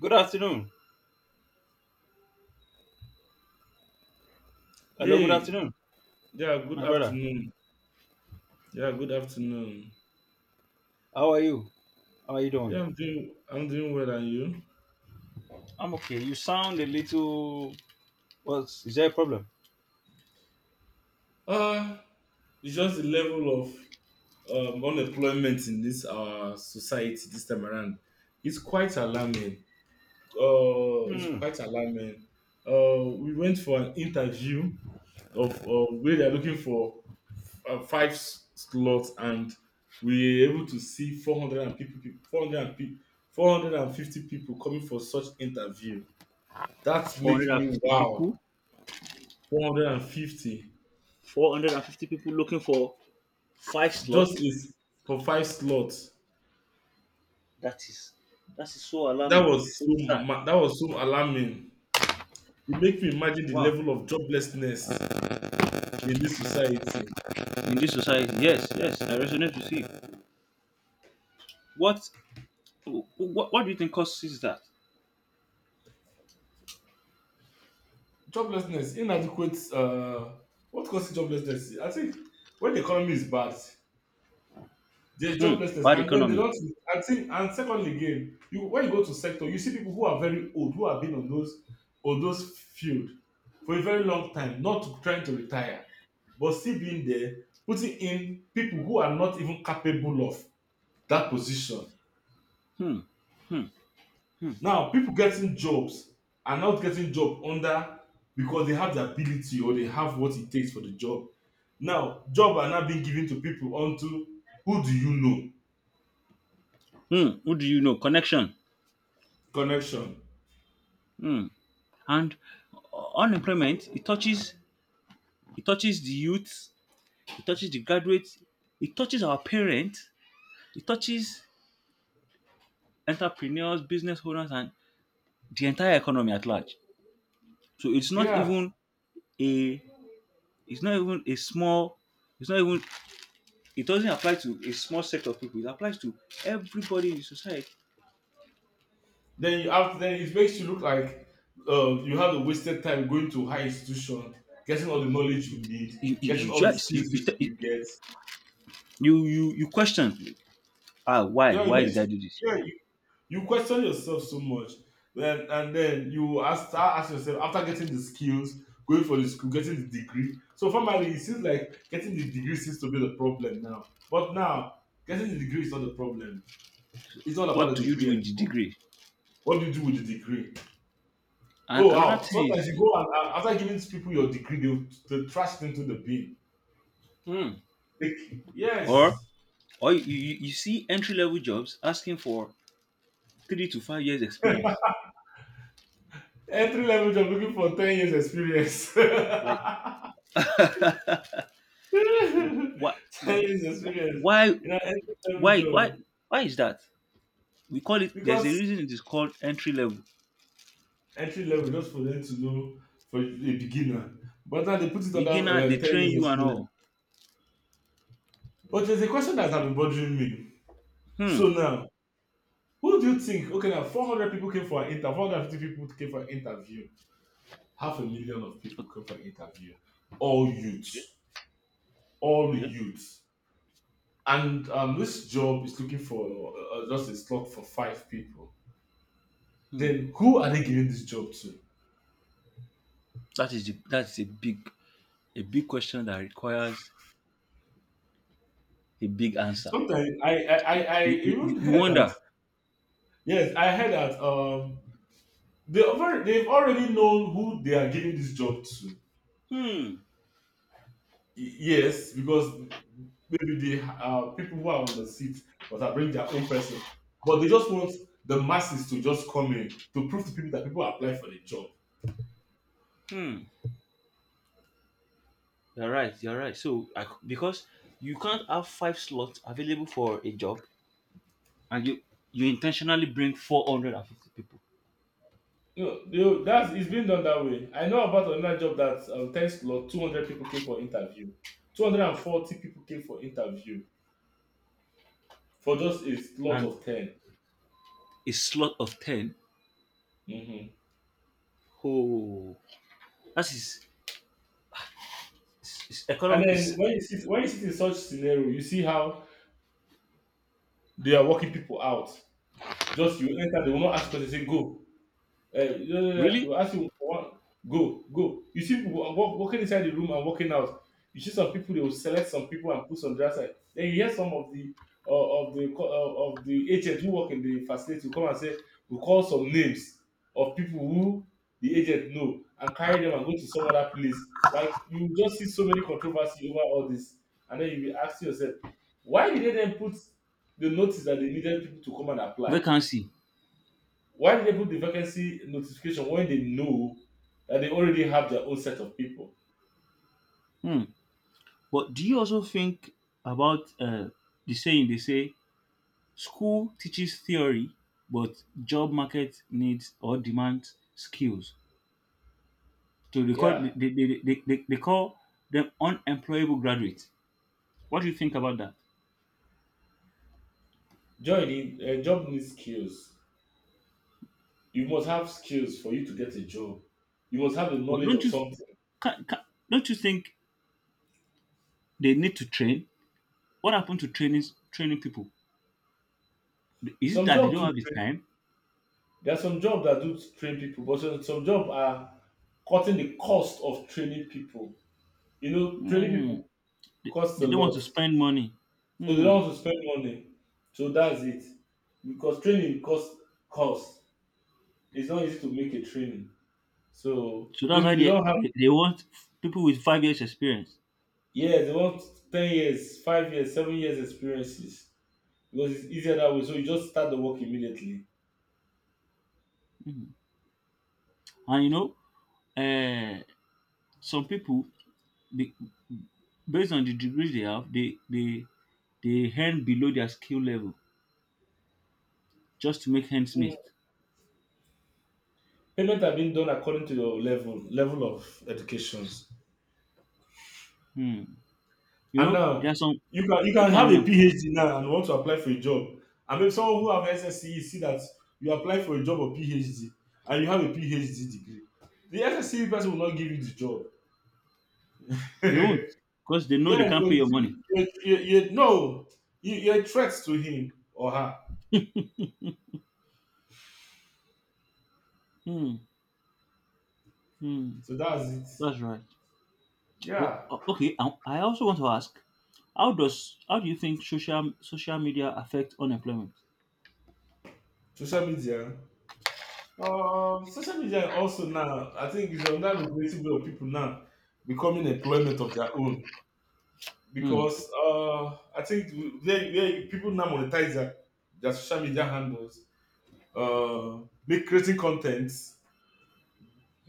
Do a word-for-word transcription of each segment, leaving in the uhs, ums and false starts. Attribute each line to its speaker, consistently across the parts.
Speaker 1: Good afternoon. Hello, good
Speaker 2: Yeah,
Speaker 1: afternoon,
Speaker 2: yeah, good
Speaker 1: my brother.
Speaker 2: afternoon. Yeah, good afternoon.
Speaker 1: How are you? How are you doing?
Speaker 2: Yeah, I'm doing I'm doing well, and you?
Speaker 1: I'm okay. You sound a little. What's is there a problem?
Speaker 2: Uh it's just the level of um, unemployment in this our society this time around. It's quite alarming. Uh it's
Speaker 1: Hmm.
Speaker 2: quite alarming. Uh we went for an interview of of where they're looking for uh, five s- slots, and we were able to see 400 and people 400 and pe- four hundred fifty people coming for such interview. That makes me
Speaker 1: four fifty
Speaker 2: wow.
Speaker 1: people,
Speaker 2: four hundred fifty
Speaker 1: four hundred and fifty people looking for five
Speaker 2: just
Speaker 1: slots.
Speaker 2: is for five slots.
Speaker 1: That is, that is so
Speaker 2: That
Speaker 1: alarming,
Speaker 2: was
Speaker 1: so
Speaker 2: so
Speaker 1: sad.
Speaker 2: ma- that was so alarming. It make me imagine the
Speaker 1: Wow.
Speaker 2: level of joblessness in this society.
Speaker 1: In this society, yes, yes, I resonate with you. What, what, what do you think causes that?
Speaker 2: Joblessness, inadequate. Uh, what causes joblessness? I think when the economy is bad, there's
Speaker 1: Hmm,
Speaker 2: joblessness,
Speaker 1: bad
Speaker 2: and then they
Speaker 1: economy.
Speaker 2: don't. And, see, and secondly, again, you when you go to sector, you see people who are very old, who have been on those on those field for a very long time, not trying to retire, but still being there, putting in people who are not even capable of that position.
Speaker 1: Hmm. Hmm. Hmm.
Speaker 2: Now, people getting jobs are not getting job under because they have the ability or they have what it takes for the job. Now, job are now being given to people onto who do you know
Speaker 1: Hmm. Who do you know? Connection.
Speaker 2: connection.
Speaker 1: Hmm. And unemployment, it touches, it touches the youth, it touches the graduates, it touches our parents, it touches entrepreneurs, business owners, and the entire economy at large. So it's not
Speaker 2: Yeah,
Speaker 1: even a, it's not even a small, it's not even, it doesn't apply to a small set of people. It applies to everybody in society.
Speaker 2: Then you have then it makes you look like, uh, you have a wasted time going to high institution, getting all the knowledge
Speaker 1: You
Speaker 2: you need,
Speaker 1: you,
Speaker 2: getting
Speaker 1: you
Speaker 2: all the
Speaker 1: just you
Speaker 2: skills you,
Speaker 1: you
Speaker 2: you get.
Speaker 1: you, you, you question, ah, why
Speaker 2: Yeah, it
Speaker 1: why did
Speaker 2: makes
Speaker 1: I
Speaker 2: you,
Speaker 1: do this?
Speaker 2: yeah, you, you question yourself so much. Then and then you ask, start asking yourself after getting the skills, going for the school, getting the degree. So formally, it seems like getting the degree seems to be the problem now. But now, getting the degree is not the problem. It's not
Speaker 1: What
Speaker 2: about
Speaker 1: do
Speaker 2: the
Speaker 1: you do
Speaker 2: degree
Speaker 1: with the
Speaker 2: anymore.
Speaker 1: degree?
Speaker 2: What do you do with the degree?
Speaker 1: And
Speaker 2: Oh,
Speaker 1: another
Speaker 2: wow.
Speaker 1: thing is,
Speaker 2: Sometimes you go and, and after giving people your degree, they'll, they'll trash it into the bin.
Speaker 1: hmm,
Speaker 2: Like,
Speaker 1: or
Speaker 2: yes.
Speaker 1: or you, you, you see entry level jobs asking for three to five years experience.
Speaker 2: Entry level job looking for ten years experience.
Speaker 1: Like,
Speaker 2: ten
Speaker 1: what,
Speaker 2: years experience
Speaker 1: why
Speaker 2: in an entry level
Speaker 1: why
Speaker 2: job.
Speaker 1: why why is that? We call it, there's a
Speaker 2: Because
Speaker 1: reason it is called entry level.
Speaker 2: entry level, just for them to know, for a beginner. But now they put it under
Speaker 1: Beginner,
Speaker 2: uh,
Speaker 1: they
Speaker 2: ten
Speaker 1: train
Speaker 2: years
Speaker 1: you and
Speaker 2: experience.
Speaker 1: all.
Speaker 2: But there's a question that has been bothering me.
Speaker 1: Hmm.
Speaker 2: So now, who do you think? Okay, now four hundred people came for an interview. four hundred fifty people came for an interview. Half a million of people came for an interview, all
Speaker 1: Okay.
Speaker 2: youths, all
Speaker 1: Okay.
Speaker 2: youths. And um, this job is looking for uh, uh, just a slot for five people.
Speaker 1: Hmm.
Speaker 2: Then who are they giving this job to?
Speaker 1: That is the, that is a big, a big question that requires a big answer.
Speaker 2: Sometimes I I, I, I
Speaker 1: you you,
Speaker 2: even
Speaker 1: you you
Speaker 2: heard that,
Speaker 1: wonder.
Speaker 2: yes I heard that um they already, they've already known who they are giving this job to.
Speaker 1: Hmm.
Speaker 2: Yes, because maybe they uh, people who are on the seat, but I bring their own person, but they just want the masses to just come in to prove to people that people apply for the job.
Speaker 1: Hmm. You're right, you're right. So I, because you can't have five slots available for a job and you you intentionally bring four hundred and fifty people
Speaker 2: No, they, that's it's been done that way. I know about another job that, um, thanks to Lord, two hundred people came for interview, two hundred and forty people came for interview for just a lot
Speaker 1: and
Speaker 2: of ten.
Speaker 1: a slot of ten.
Speaker 2: Mm-hmm.
Speaker 1: Oh, that is, is, is
Speaker 2: And
Speaker 1: economy
Speaker 2: then
Speaker 1: is
Speaker 2: when you sit when you sit in such scenario, you see how they are working people out. Just you enter, they will not ask questions, say go. Eh, no, no, no,
Speaker 1: really.
Speaker 2: they'll ask you for one, go, go. You see people wa- wa- walking inside the room and walking out. You see some people, they will select some people and put some the outside. Then you hear some of the uh, of the co- uh, of the agents who work in the facility will come and say, we call some names of people who the agent know and carry them and go to some other place. Like you just see so many controversy over all this, and then you be asking yourself, why did they then put the notice that they needed people to come and apply?
Speaker 1: Vacancy.
Speaker 2: Why did they put the vacancy notification when they know that they already have their own set of people?
Speaker 1: Hmm. But do you also think about, uh, the saying they say school teaches theory but job market needs or demands skills? To record
Speaker 2: Yeah,
Speaker 1: they, they, they, they, they they call them unemployable graduates. What do you think about that?
Speaker 2: job need, uh, job needs skills. You must have skills for you to get a job. You must have the
Speaker 1: But
Speaker 2: knowledge
Speaker 1: don't
Speaker 2: of
Speaker 1: you,
Speaker 2: something.
Speaker 1: can, can, don't you think they need to train? What happened to training, training people? Is it
Speaker 2: Some
Speaker 1: that they
Speaker 2: jobs
Speaker 1: don't
Speaker 2: do
Speaker 1: have the
Speaker 2: train.
Speaker 1: time?
Speaker 2: There are some jobs that do train people, but some, some jobs are cutting the cost of training people. You know, training
Speaker 1: Hmm.
Speaker 2: people
Speaker 1: They,
Speaker 2: costs a
Speaker 1: they don't want
Speaker 2: lot,
Speaker 1: to
Speaker 2: so
Speaker 1: spend money.
Speaker 2: they
Speaker 1: Hmm.
Speaker 2: don't want to spend money. So that's it. Because training costs costs. It's not easy to make a training. So
Speaker 1: So that's why
Speaker 2: maybe they
Speaker 1: they,
Speaker 2: don't have.
Speaker 1: they, they want people with five years experience.
Speaker 2: Yeah, they want ten years, five years, seven years experiences because it's easier that way. So you just start the work immediately.
Speaker 1: And you know, uh, some people, be- based on the degrees they have, they they they earn below their skill level just to make ends
Speaker 2: Mm.
Speaker 1: meet.
Speaker 2: Payment have been done according to your level level of educations.
Speaker 1: Hmm. You
Speaker 2: And
Speaker 1: know, there are
Speaker 2: now
Speaker 1: some,
Speaker 2: you can you
Speaker 1: if
Speaker 2: can
Speaker 1: you're
Speaker 2: have a
Speaker 1: unemployed,
Speaker 2: P h D now and want to apply for a job. And maybe someone who have S S C E see that you apply for a job or P h D and you have a P h D degree. The S S C E person will not give you the job.
Speaker 1: they won't, because they know they
Speaker 2: Yes,
Speaker 1: can't
Speaker 2: but
Speaker 1: pay
Speaker 2: you
Speaker 1: your
Speaker 2: see,
Speaker 1: money.
Speaker 2: you, you, you know, you, you're a threat to him or her.
Speaker 1: Hmm. Hmm.
Speaker 2: So that's it.
Speaker 1: That's right. But
Speaker 2: Yeah,
Speaker 1: o- okay, I I also want to ask, how does, how do you think social social media affect unemployment?
Speaker 2: social media. Um, social media also now, I think, is another lucrative way of people now becoming employment of their own,
Speaker 1: Hmm.
Speaker 2: because uh, I think they, they, people now monetize their, their social media handles, uh, make creating content,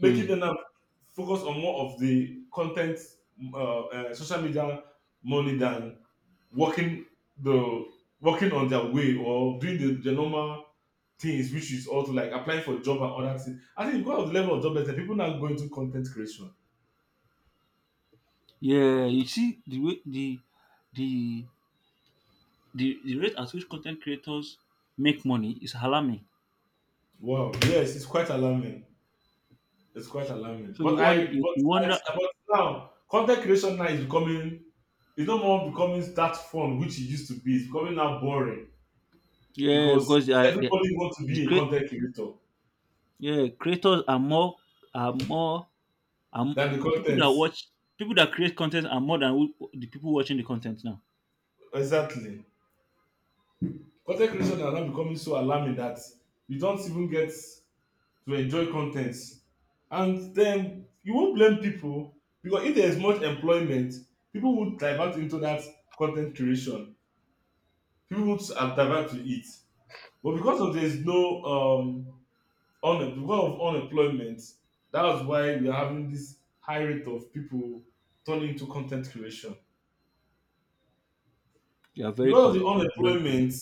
Speaker 1: Hmm.
Speaker 2: them now focus on more of the content, uh, uh, social media money than working the working on their way or doing the, the normal things, which is also like applying for job and other things. I think because of the level of joblessness, people now go into content creation.
Speaker 1: Yeah, you see the way the the the, the rate at which content creators make money is alarming.
Speaker 2: Wow, yes, it's quite alarming. It's quite alarming.
Speaker 1: So you
Speaker 2: But I,
Speaker 1: wonder, you
Speaker 2: but I,
Speaker 1: wonder,
Speaker 2: but now content creation now is becoming. It's no more becoming that fun which it used to be. It's becoming now boring.
Speaker 1: yeah,
Speaker 2: Because
Speaker 1: because they are, they,
Speaker 2: everybody wants to
Speaker 1: the
Speaker 2: be a
Speaker 1: create,
Speaker 2: content creator
Speaker 1: yeah, creators are more, are more, are m-
Speaker 2: than the
Speaker 1: people
Speaker 2: content.
Speaker 1: that watch, people that create content are more than who, the people watching the content now.
Speaker 2: Exactly. Content creation are now becoming so alarming that you don't even get to enjoy content. And then you won't blame people, because if there's much employment, people would divert into that content creation. People would uh, divert to it. But because of there's no um un- because of unemployment, that's why we are having this high rate of people turning into content creation.
Speaker 1: You are very
Speaker 2: Because of the
Speaker 1: correct. You are very correct.
Speaker 2: unemployment,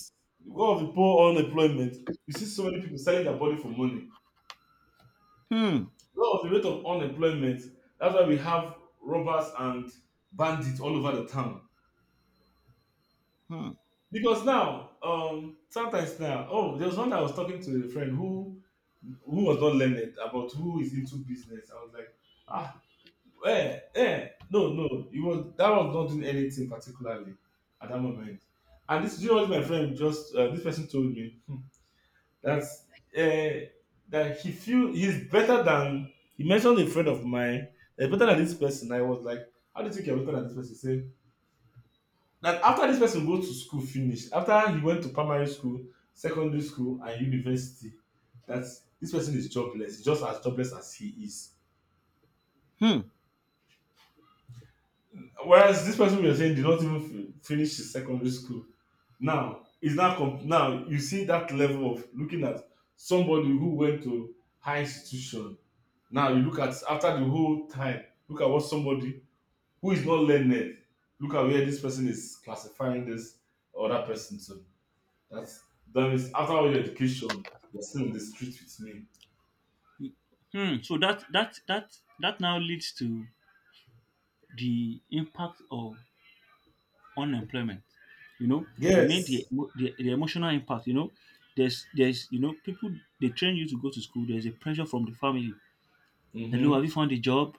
Speaker 2: because of the poor unemployment, you see so many people selling their body for money.
Speaker 1: Hmm.
Speaker 2: Because of the rate of unemployment, that's why we have robbers and bandits all over the town.
Speaker 1: Hmm.
Speaker 2: Because now, um, sometimes now, oh, there was one I was talking to a friend who who was not learned about who is into business. I was like, ah, eh, eh, no, no, it was that was not doing anything particularly at that moment. And this, do you know what my friend just, uh, this person told me? hmm, That's, uh, that he feel he's better than, he mentioned a friend of mine. eh, better than this person. I was like, how do you think you're better than this person? He said that after this person goes to school, finish. After he went to primary school, secondary school, and university, that this person is jobless, just as jobless as he is.
Speaker 1: Hmm.
Speaker 2: Whereas this person we are saying did not even fi- finish his secondary school. Now is now comp- now you see that level of looking at somebody who went to high institution. Now you look at, after the whole time, look at what somebody who is not learned. Look at where this person is classifying this other person to. That's that means after all your education, you're still in the street with me.
Speaker 1: Hmm. So that that that that now leads to the impact of unemployment. You know, I mean the
Speaker 2: Yes.
Speaker 1: emo- the, the emotional impact. You know, there's there's you know, people, they train you to go to school. There's a pressure from the family. Hello, have you
Speaker 2: Mm-hmm.
Speaker 1: found a job?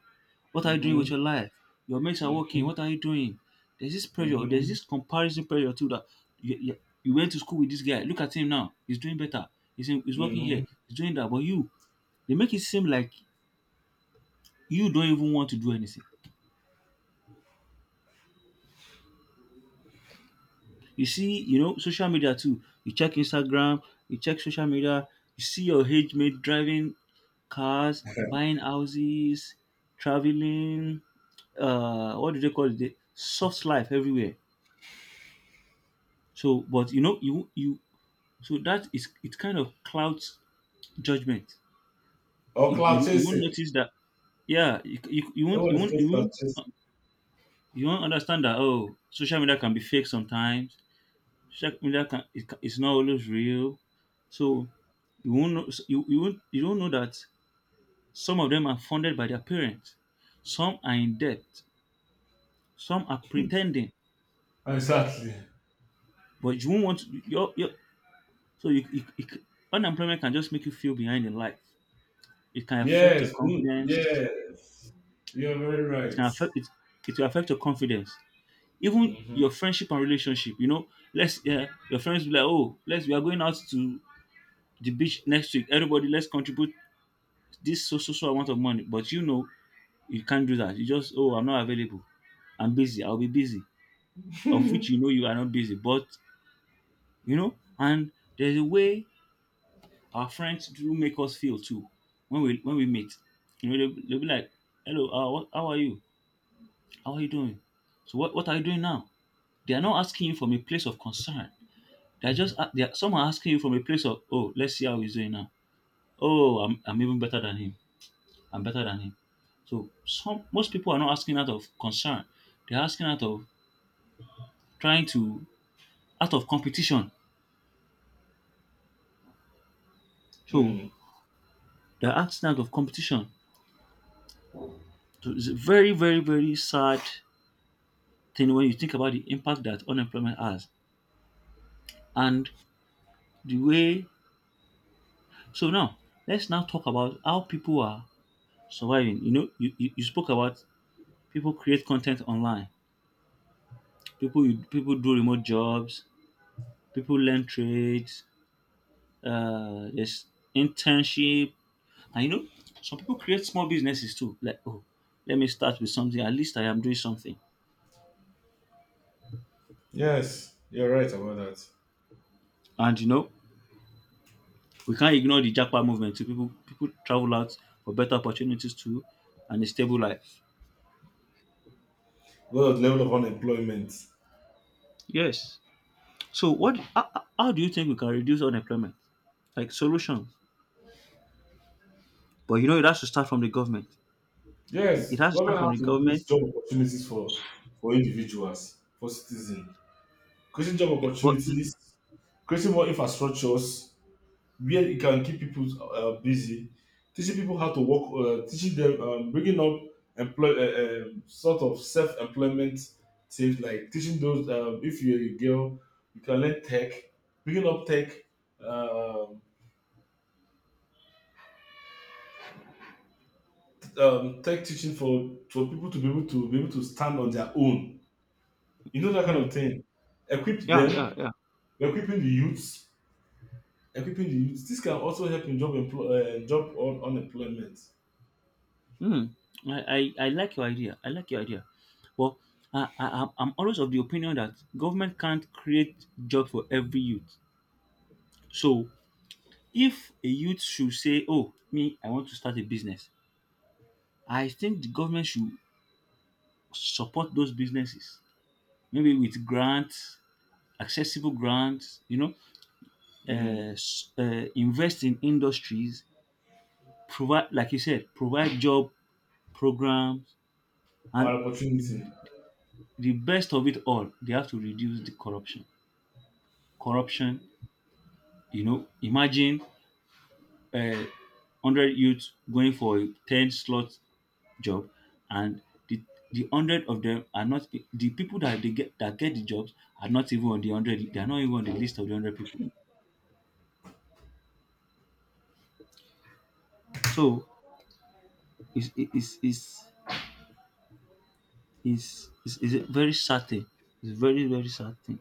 Speaker 1: What are you doing with
Speaker 2: Mm-hmm.
Speaker 1: your life? Your mates are working. What are you doing? There's this pressure. There's
Speaker 2: Mm-hmm.
Speaker 1: this comparison pressure too that you, you, you went to school with this guy. Look at him now. He's doing better. He's in, he's working here.
Speaker 2: Mm-hmm.
Speaker 1: He's doing that. But you, they make it seem like you don't even want to do anything. You see, you know, social media too. You check Instagram, you check social media, you see your age mate driving cars, buying houses, traveling, uh, what do they call it? The soft life, everywhere. So but you know, you you so that is, it kind of clouds judgment.
Speaker 2: Or
Speaker 1: You,
Speaker 2: cloud
Speaker 1: you, you won't
Speaker 2: chasing.
Speaker 1: notice that, yeah, you, you, you
Speaker 2: That
Speaker 1: won't,
Speaker 2: one
Speaker 1: you
Speaker 2: is
Speaker 1: won't,
Speaker 2: just
Speaker 1: you
Speaker 2: about
Speaker 1: won't uh,
Speaker 2: Chelsea.
Speaker 1: you won't understand that, oh, social media can be fake sometimes. Social media can, it can, it's not always real. So you won't know, so, you, you won't, you don't know that some of them are funded by their parents, some are in debt, some are pretending,
Speaker 2: Exactly.
Speaker 1: but you won't want to, your your so you, you, you c- unemployment can just make you feel behind in life. It can affect your
Speaker 2: Yes. Mm,
Speaker 1: confidence.
Speaker 2: yes. You're very
Speaker 1: It
Speaker 2: right.
Speaker 1: can affect it. It will affect your confidence, even
Speaker 2: Hmm.
Speaker 1: your friendship and relationship. You know, let's, yeah, your friends be like, oh, let's, we are going out to the beach next week. Everybody, let's contribute this so so so amount of money, but you know you can't do that. You just, oh, I'm not available. I'm busy. I'll be busy. Of which you know you are not busy, but you know. And there's a way our friends do make us feel too when we when we meet. You know, they'll, they'll be like, "Hello, uh, what, how are you? How are you doing? So what what are you doing now?" They are not asking you from a place of concern. They're just a- they are, some are asking you from a place of, oh, let's see how he's doing now. Oh, I'm I'm even better than him. I'm better than him. So some, most people are not asking out of concern. They're asking out of trying to, out of competition. So
Speaker 2: Mm.
Speaker 1: they're asking out of competition. So it's a very, very, very sad thing when you think about the impact that unemployment has and the way. So now let's now talk about how people are surviving. You know, you, you, you spoke about people create content online. People you, people do remote jobs. People learn trades. Uh, there's internship. And you know, some people create small businesses too. Like, oh, let me start with something. At least I am doing something.
Speaker 2: Yes. You're right about that.
Speaker 1: And you know, we can't ignore the jackpot movement too. People people travel out for better opportunities too, and a stable life.
Speaker 2: Well, the level of unemployment.
Speaker 1: Yes. So what? How, how how do you think we can reduce unemployment? Like solutions. But you know, it has to start from the government. It it
Speaker 2: Yes.
Speaker 1: has to start
Speaker 2: Government
Speaker 1: from
Speaker 2: has
Speaker 1: the
Speaker 2: to create
Speaker 1: government.
Speaker 2: job opportunities for for individuals, for citizens. Creating job
Speaker 1: Yeah, but,
Speaker 2: opportunities, creating more infrastructures, where it can keep people uh, busy, teaching people how to work, uh, teaching them, um, bringing up employ, uh, um, sort of self-employment things like teaching those. Um, if you're a girl, you can learn tech, bringing up tech, um, t- um, tech teaching for for people to be able to be able to stand on their own. You know that kind
Speaker 1: hmm,
Speaker 2: of thing. Equip
Speaker 1: yeah, yeah,
Speaker 2: them,
Speaker 1: yeah.
Speaker 2: equipping the youths, equipping the youths. This can also help in job employ, uh, job on unemployment.
Speaker 1: Hmm. I, I, I like your idea. I like your idea. Well, I, I, I'm I'm always of the opinion that government can't create job for every youth. So if a youth should say, oh, me, I want to start a business, I think the government should support those businesses, maybe with grants, accessible grants, you know, uh,
Speaker 2: Mm.
Speaker 1: s- uh, invest in industries, provide, like you said, provide job programs,
Speaker 2: Our
Speaker 1: and the,
Speaker 2: opportunity.
Speaker 1: the best of it all, they have to reduce the corruption. Corruption. You know, imagine, uh, one hundred youths going for a ten slot job, and the the one hundred of them are not, the people that they get, that get the jobs are not even on the one hundred, they are not even on the list of the one hundred people. So it's it's it's it's, it's, it's a very sad thing. It's a very very sad thing.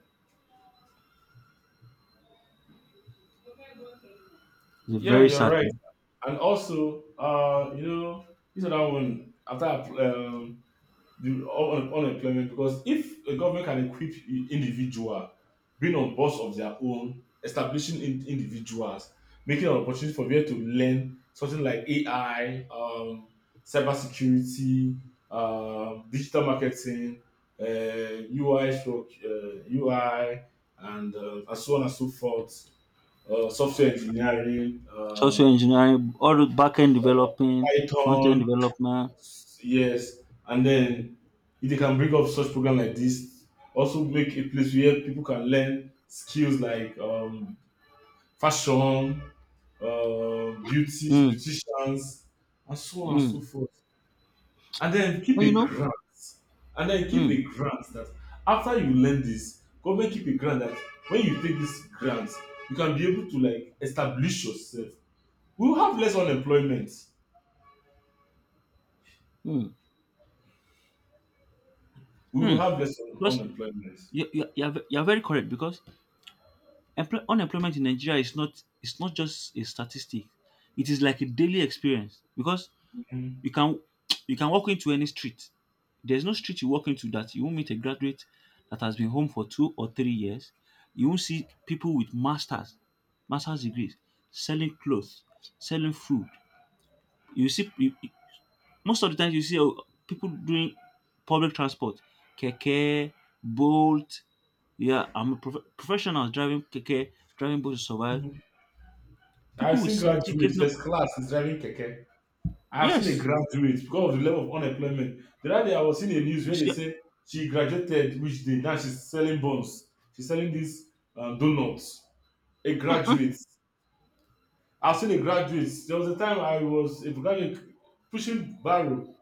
Speaker 1: It's a
Speaker 2: Yeah,
Speaker 1: very
Speaker 2: you're
Speaker 1: sad
Speaker 2: right.
Speaker 1: thing.
Speaker 2: And also, uh, you know, this other one after um, the un- unemployment, because if a government can equip i- individual being on boss of their own, establishing in- individuals, making an opportunity for them to learn something like A I, um, cybersecurity, um, digital marketing, uh, U I, stroke, uh, U I, and uh, and so on and so forth, uh, software engineering. Um,
Speaker 1: Software engineering, all the back end developing, front end
Speaker 2: Python.
Speaker 1: development.
Speaker 2: Yes, and then if they can bring up such program like this, also make a place where people can learn skills like um, fashion, uh, beauty,
Speaker 1: Mm.
Speaker 2: beauticians, and so on and so
Speaker 1: Mm.
Speaker 2: forth. And then keep
Speaker 1: And you
Speaker 2: a
Speaker 1: know,
Speaker 2: grant, and then keep
Speaker 1: mm.
Speaker 2: a grant that after you learn this, government keep a grant that when you take this grant, you can be able to like establish yourself. We will have less unemployment.
Speaker 1: Mm.
Speaker 2: We will
Speaker 1: Mm.
Speaker 2: have less un-
Speaker 1: Because
Speaker 2: unemployment.
Speaker 1: you you you are, ve- you are very correct, because empl- unemployment in Nigeria is not, it's not just a statistic. It is like a daily experience, because
Speaker 2: Mm.
Speaker 1: you can, you can walk into any street. There's no street you walk into that you won't meet a graduate that has been home for two or three years. You won't see people with masters, masters degrees, selling clothes, selling food. You see you, most of the time you see, uh, people doing public transport, keke, bolt. Yeah, I'm a prof- professional driving keke, driving bolt to survive.
Speaker 2: I've
Speaker 1: People with
Speaker 2: seen
Speaker 1: certificates,
Speaker 2: graduates,
Speaker 1: no,
Speaker 2: first class is driving keke. I have seen a
Speaker 1: yes,
Speaker 2: graduate because of the level of unemployment. The other day I was seeing a news
Speaker 1: you
Speaker 2: where they
Speaker 1: see,
Speaker 2: said she graduated which day now she's selling buns. She's selling these uh, donuts. A graduate. I've seen a graduate. There was a time I was a graduate pushing barrow,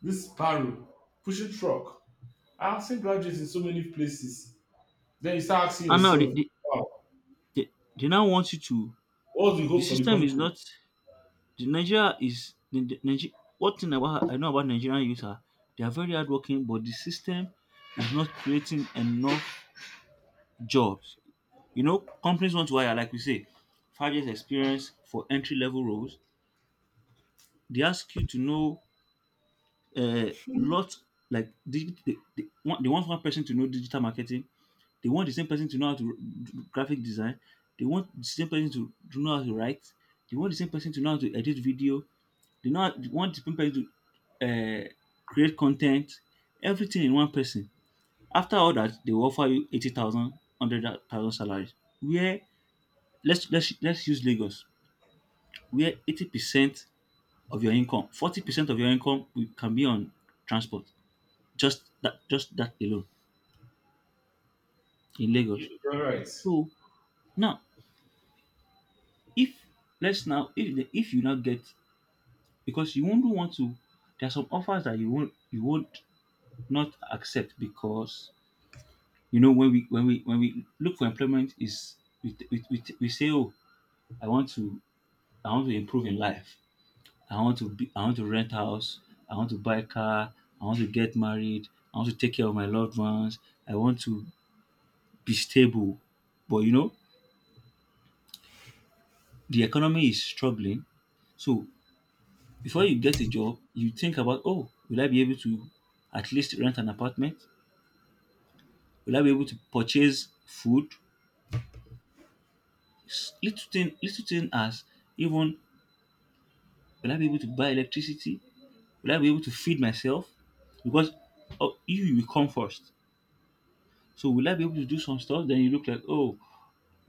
Speaker 2: this barrow, pushing truck. I've seen graduates in so many places. Then you start asking
Speaker 1: and now they,
Speaker 2: yourself,
Speaker 1: they,
Speaker 2: wow,
Speaker 1: they, they now want you to.
Speaker 2: what's the
Speaker 1: The
Speaker 2: hope for the
Speaker 1: system is
Speaker 2: country?
Speaker 1: not, the Nigeria is the, the Nigeria. What thing about, I know about Nigerian youth are they are very hardworking, but the system is not creating enough jobs. You know, companies want to hire, like we say, five years experience for entry level roles. They ask you to know a lot, like, digi- they, they, want, they want one person to know digital marketing. They want the same person to know how to do graphic design. They want the same person to, to know how to write. They want the same person to know how to edit video. They, know, they want the same person to, uh, create content. Everything in one person. After all that, they will offer you eighty thousand, one hundred thousand salaries. Where, let's, let's, let's use Lagos, where eighty percent of your income, forty percent of your income will- can be on transport. Just that, just that alone in Lagos.
Speaker 2: You- You're right.
Speaker 1: So now if let's now if the, if you now get, because you won't want to— there are some offers that you won't you won't not accept, because you know when we when we when we look for employment is, we we, we, we say, oh, I want to I want to improve in life. I want to be I want to rent house, I want to buy a car, I want to get married, I want to take care of my loved ones, I want to be stable. But you know, the economy is struggling. So before you get a job, you think about, oh, will I be able to at least rent an apartment? Will I be able to purchase food? S- Little thing, little thing as, even, will I be able to buy electricity? Will I be able to feed myself? Because, oh, you you come first. So will I be able to do some stuff? Then you look like, oh,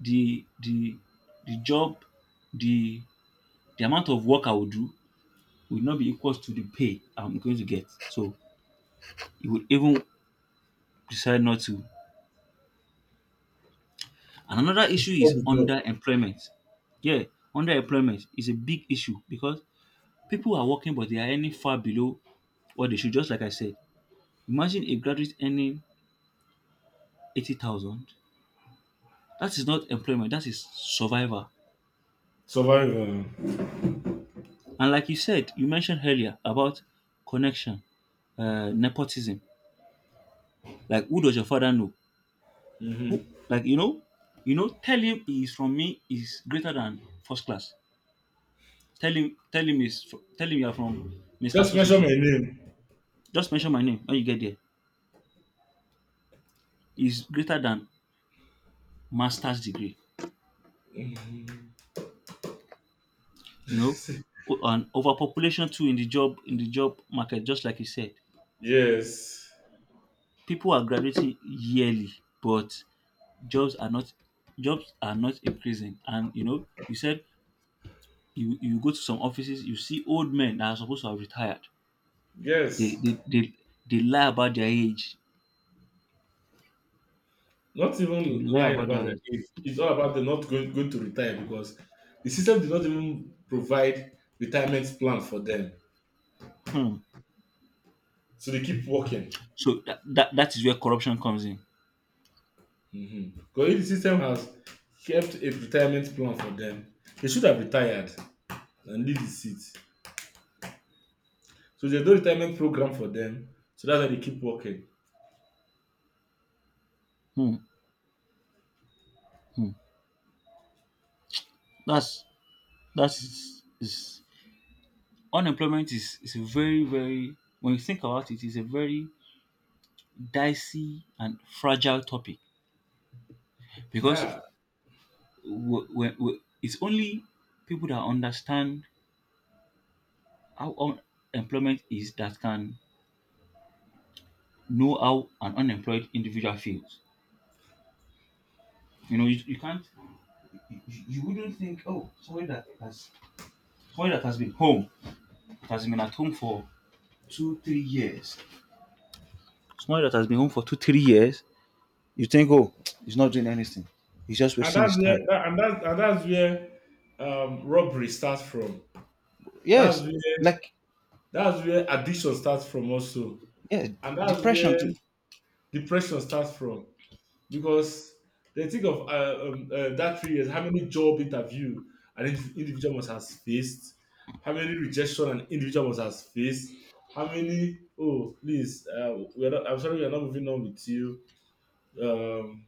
Speaker 1: the the the job, the the amount of work I will do will not be equal to the pay I'm going to get. So you would even decide not to. And another issue
Speaker 2: Keep up
Speaker 1: is
Speaker 2: the job.
Speaker 1: underemployment. Yeah, underemployment is a big issue, because people are working but they are earning far below what they should, just like I said. Imagine a graduate earning eighty thousand. That is not employment, that is survival.
Speaker 2: Survive. um,
Speaker 1: And like you said, you mentioned earlier about connection, uh, nepotism. Like, who does your father know? Who,
Speaker 2: Mhm.
Speaker 1: like, you know, you know, tell him he is from me is greater than first class. Tell him, tell him is, Tell him you are from Mister
Speaker 2: Just
Speaker 1: So So
Speaker 2: mention my
Speaker 1: So.
Speaker 2: name.
Speaker 1: Just mention my name when you get there. Is greater than master's degree. You know, O- and overpopulation too in the job in the job market. Just like you said,
Speaker 2: Yes.
Speaker 1: people are graduating yearly, but jobs are not— jobs are not increasing. And you know, you said you you go to some offices, you see old men that are supposed to have retired. They
Speaker 2: Yes.
Speaker 1: they they, they lie about their age.
Speaker 2: Not
Speaker 1: They
Speaker 2: even
Speaker 1: lie
Speaker 2: lying
Speaker 1: about
Speaker 2: about
Speaker 1: their
Speaker 2: the
Speaker 1: age.
Speaker 2: age. It's all about the not going, going to retire because the system did not even provide retirement plan for them.
Speaker 1: Hmm.
Speaker 2: So they keep working.
Speaker 1: So that, that that is where corruption comes in.
Speaker 2: Mhm. Because if the system has kept a retirement plan for them, they should have retired and leave the seat. So there's no retirement program for them. So that's why they keep working.
Speaker 1: Hmm. Hmm. That's that's is Unemployment is is a very, very— when you think about it, it's a very dicey and fragile topic, because
Speaker 2: Yeah.
Speaker 1: w- w- w- it's only people that understand how unemployment is that can know how an unemployed individual feels. You know, you, you can't, you, you wouldn't think, oh, somebody that has, somebody that has been home, that has been at home for two, three years, somebody that has been home for two, three years, you think, oh, he's not doing anything, he's just
Speaker 2: And
Speaker 1: wasting
Speaker 2: that's
Speaker 1: his
Speaker 2: where
Speaker 1: time.
Speaker 2: that, and that's and that's where um robbery starts from. That's
Speaker 1: Yes,
Speaker 2: where
Speaker 1: like,
Speaker 2: That's where addiction starts from also,
Speaker 1: yeah,
Speaker 2: and that's where
Speaker 1: depression too.
Speaker 2: depression starts from because they think of uh, um, uh, that three years, how many job interview an indiv- individual must has faced, how many rejection an individual must has faced, how many oh please uh, we're not, I'm sorry we're not moving on with you. Um,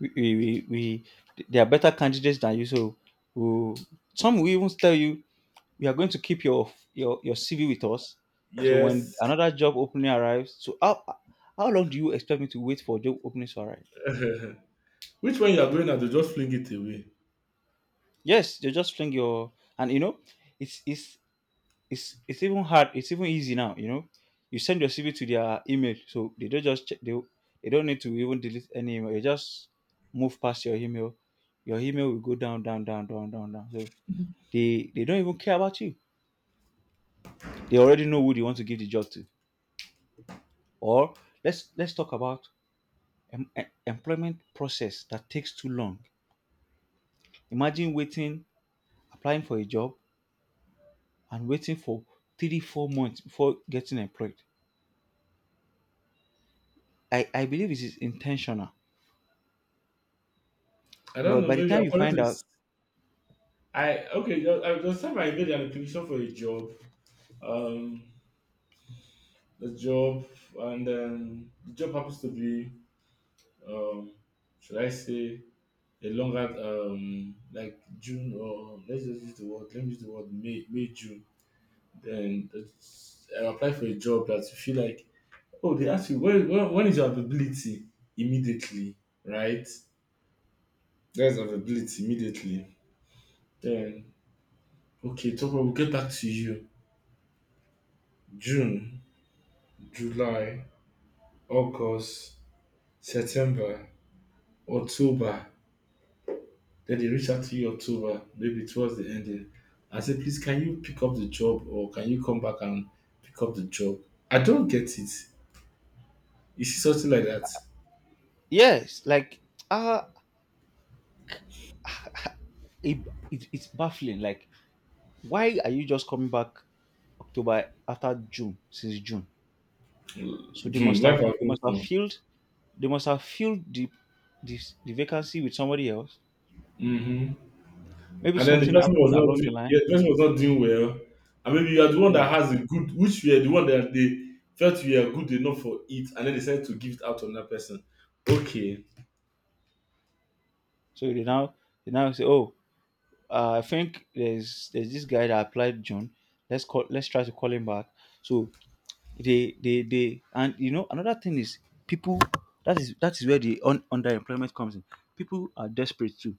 Speaker 1: We, we, we, we They are better candidates than you. So— who— some will even tell you, we are going to keep your your your C V with us. So when
Speaker 2: yes,
Speaker 1: another job opening arrives, so how how long do you expect me to wait for job openings to arrive?
Speaker 2: Which one you are going at? They just fling it away.
Speaker 1: Yes, they just fling your— and you know, it's it's it's it's even hard. It's even easy now. You know, you send your C V to their email, so they don't just check. They they don't need to even delete any email. They just move past your email. Your email will go down, down, down, down, down, down. So they they don't even care about you. They already know who they want to give the job to. Or let's— let's talk about em- em- employment process that takes too long. Imagine waiting, applying for a job, and waiting for three four months before getting employed. I I believe it is intentional,
Speaker 2: I don't
Speaker 1: because
Speaker 2: know.
Speaker 1: by the
Speaker 2: Maybe
Speaker 1: time you
Speaker 2: according to
Speaker 1: find
Speaker 2: s-
Speaker 1: out—
Speaker 2: I okay. ju- I just time I made an application for a job. Um, the job, and um, the job happens to be, um, should I say, a longer, um, like June or let's just use the word, let me use the word May, May June. Then that's- I apply for a job that you feel like, oh, they ask you when, when, when is your availability immediately, right? There's availability immediately. Then okay, so we'll get back to you. June, July, August, September, October. Then they reached out to you October, maybe towards the ending, and said, please, can you pick up the job, or can you come back and pick up the job? I don't get it. Is it something like that?
Speaker 1: Yes, like, uh it, it it's baffling. Like, why are you just coming back October after June, since June? So they
Speaker 2: Hmm,
Speaker 1: must
Speaker 2: Life
Speaker 1: have
Speaker 2: has
Speaker 1: they must
Speaker 2: moved
Speaker 1: have
Speaker 2: on.
Speaker 1: filled they must have filled the this the vacancy with somebody else.
Speaker 2: Hmm.
Speaker 1: Maybe
Speaker 2: And then the
Speaker 1: something
Speaker 2: person was
Speaker 1: happened
Speaker 2: not
Speaker 1: along the
Speaker 2: doing,
Speaker 1: line.
Speaker 2: yeah, the person was not doing well. And maybe you are the one
Speaker 1: Yeah.
Speaker 2: that has a good, which you are the one that they felt you are good enough for it, and then they decided to give it out on that person. Okay.
Speaker 1: So they now— they now say, oh, uh, I think there's there's this guy that applied June. Let's call let's try to call him back. So they they they and, you know another thing is, people— that is that is where the un- underemployment comes in. People are desperate too.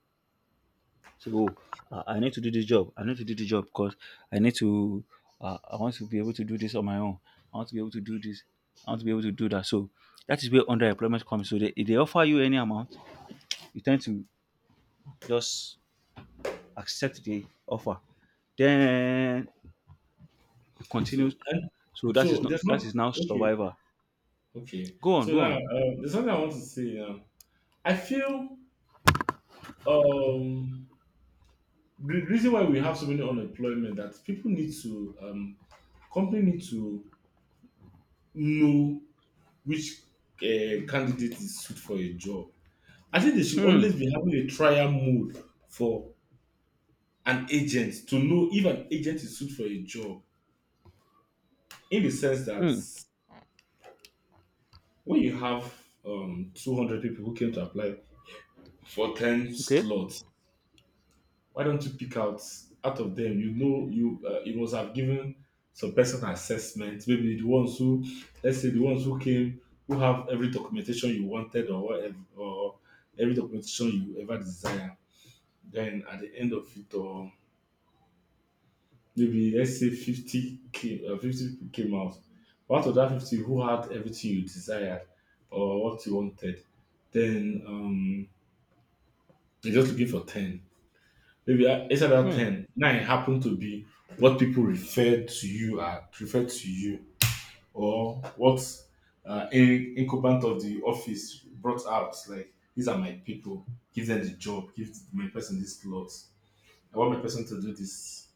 Speaker 1: So, oh, uh, I need to do this job. I need to do this job because i need to uh, I want to be able to do this on my own. I want to be able to do this. I want to be able to do that. So that is where underemployment comes. So they— if they offer you any amount, you tend to just accept the offer. Then it
Speaker 2: So
Speaker 1: continues.
Speaker 2: and
Speaker 1: So that is
Speaker 2: so
Speaker 1: not—
Speaker 2: there's not,
Speaker 1: that is now
Speaker 2: okay,
Speaker 1: survivor.
Speaker 2: okay.
Speaker 1: Go on,
Speaker 2: So
Speaker 1: go
Speaker 2: now,
Speaker 1: on.
Speaker 2: uh, there's something I want to say now. I feel um, the reason why we have so many unemployment that people need to, um, company need to know which uh, candidate is suit for a job. I think they should
Speaker 1: Hmm.
Speaker 2: always be having a trial mode for an agent to know if an agent is suit for a job. In the sense that
Speaker 1: Hmm.
Speaker 2: when you have um, two hundred people who came to apply for ten
Speaker 1: Okay.
Speaker 2: slots. Why don't you pick out out of them? You know, you uh, you must have given some person assessment. Maybe the ones who, let's say, the ones who came who have every documentation you wanted or whatever, or every documentation you ever desire. Then at the end of it, or maybe let's say fifty came, uh, fifty people came out. But out of that fifty, who had everything you desired or what you wanted, then um, you're just looking for ten. Maybe I- inside that
Speaker 1: Hmm.
Speaker 2: ten, nine happened to be what people refer to you as, refer to you, or what uh, in, incumbent of the office brought out. Like, these are my people. Give them the job. Give my person this slot. I want my person to do this.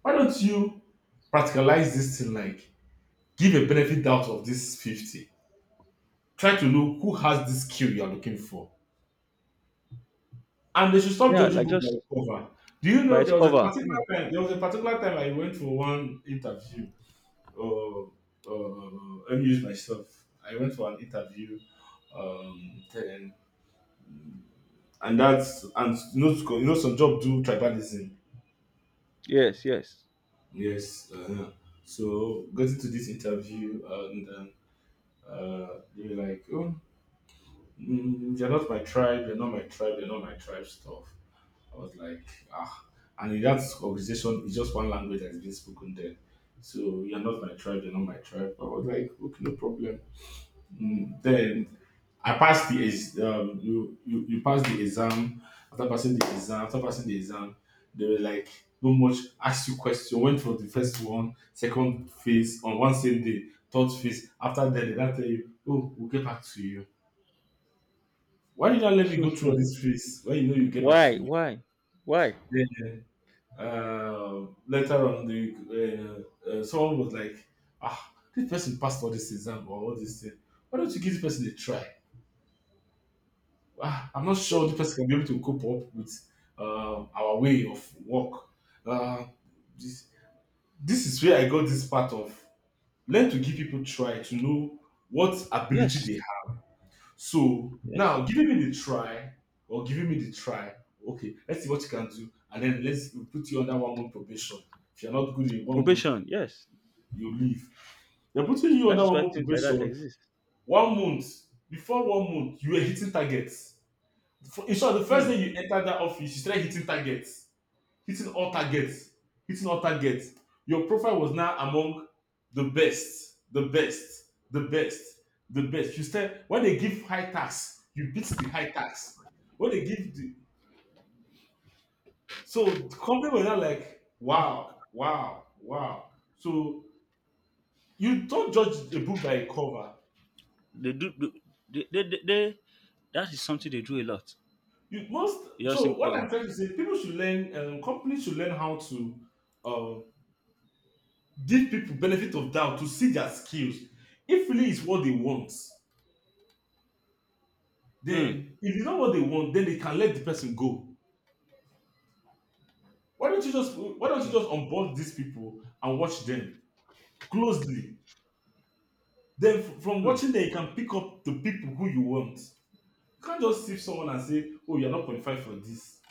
Speaker 2: Why don't you practicalize this thing? Like, give a benefit out of this fifty. Try to look who has this skill you are looking for. And they should stop
Speaker 1: Yeah,
Speaker 2: judging
Speaker 1: like,
Speaker 2: book by
Speaker 1: just
Speaker 2: cover. Do you
Speaker 1: by
Speaker 2: know
Speaker 1: its
Speaker 2: there was a
Speaker 1: cover. Hmm.
Speaker 2: particular time? There was a particular time I went for one interview. Uh, uh, Let me use myself. I went for an interview. Um, then, and that's and you know, you know some job do tribalism.
Speaker 1: Yes, yes.
Speaker 2: Yes. Uh, so got into this interview and um, uh, they were like, "Oh, mm, you're not my tribe. You're not my tribe. You're not my tribe." Stuff. I was like, ah. And in that organization, it's just one language that is being spoken there. So you're not my tribe, you're not my tribe. I was like, okay, no problem. Mm, then I passed the ex- um, you, you you passed the exam. After passing the exam, after passing the exam, they were like, no much ask you question. Went for the first one, second phase on one same day, third phase. After that, they now tell you, oh, we'll get back to you. Why did I let me go through
Speaker 1: Hmm.
Speaker 2: all this phase? Why you know you get back to
Speaker 1: Why?
Speaker 2: me?
Speaker 1: Why? Why?
Speaker 2: uh, later on, the uh, uh, someone was like, "Ah, this person passed all this exam or all this thing. Why don't you give this person a try?" Ah, I'm not sure the person can be able to cope up with uh, our way of work. Uh, this this is where I got this part of learn to give people try to know what ability they
Speaker 1: Yes.
Speaker 2: have. So
Speaker 1: Yes.
Speaker 2: now, giving me the try or giving me the try. Okay, let's see what you can do, and then let's we'll put you under one month probation. If you're not good in one month,
Speaker 1: Probation. Yes.
Speaker 2: you leave. They're putting you
Speaker 1: That
Speaker 2: under
Speaker 1: is
Speaker 2: one
Speaker 1: why
Speaker 2: month
Speaker 1: things like that
Speaker 2: probation.
Speaker 1: exist.
Speaker 2: One month before one month, you were hitting targets. For- In short, the first
Speaker 1: Hmm.
Speaker 2: day you entered that office, you started hitting targets, hitting all targets, hitting all targets. Your profile was now among the best, the best, the best, the best. You start when they give high tax, you beat the high tax. When they give the, so the company were now like, wow, wow, wow. So you don't judge a book by a cover.
Speaker 1: They do. Do— they, they, they, they- That is something they do a lot.
Speaker 2: You must.
Speaker 1: You just
Speaker 2: So
Speaker 1: think,
Speaker 2: what I'm
Speaker 1: oh,
Speaker 2: trying to say, people should learn. Um, companies should learn how to, uh, give people benefit of doubt to see their skills. If really is what they want,
Speaker 1: hmm,
Speaker 2: then if it's not what they want, then they can let the person go. Why don't you just Why don't you
Speaker 1: okay,
Speaker 2: just onboard these people and watch them closely? Then f- from
Speaker 1: hmm.
Speaker 2: watching them, you can pick up the people who you want. You can't just see someone and say, "Oh, you're not qualified for this."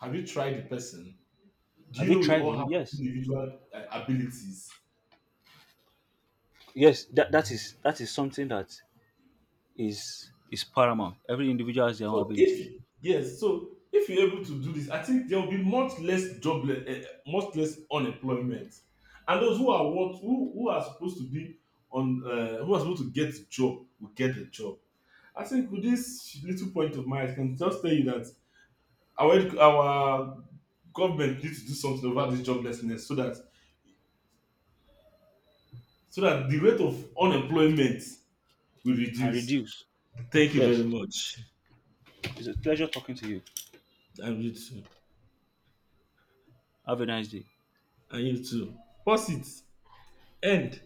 Speaker 2: Have you tried the person? Do
Speaker 1: Have
Speaker 2: you
Speaker 1: you
Speaker 2: know we
Speaker 1: tried
Speaker 2: all
Speaker 1: it?
Speaker 2: have
Speaker 1: Yes.
Speaker 2: individual uh, abilities?
Speaker 1: Yes. That that is that is something that is is paramount. Every individual has their own
Speaker 2: So
Speaker 1: abilities.
Speaker 2: if yes, so if you're able to do this, I think there will be much less jobless, uh, much less unemployment, and those who are what who, who are supposed to be on uh, who are supposed to get the job will get the job. I think with this little point of mine, I can just tell you that our edu- our government needs to do something about this joblessness, so that so that the rate of unemployment will
Speaker 1: Can
Speaker 2: reduce.
Speaker 1: reduce.
Speaker 2: Thank you
Speaker 1: Yes.
Speaker 2: very much,
Speaker 1: It's a pleasure talking to you.
Speaker 2: and you too,
Speaker 1: Have a nice day.
Speaker 2: and you too. Pause it. End.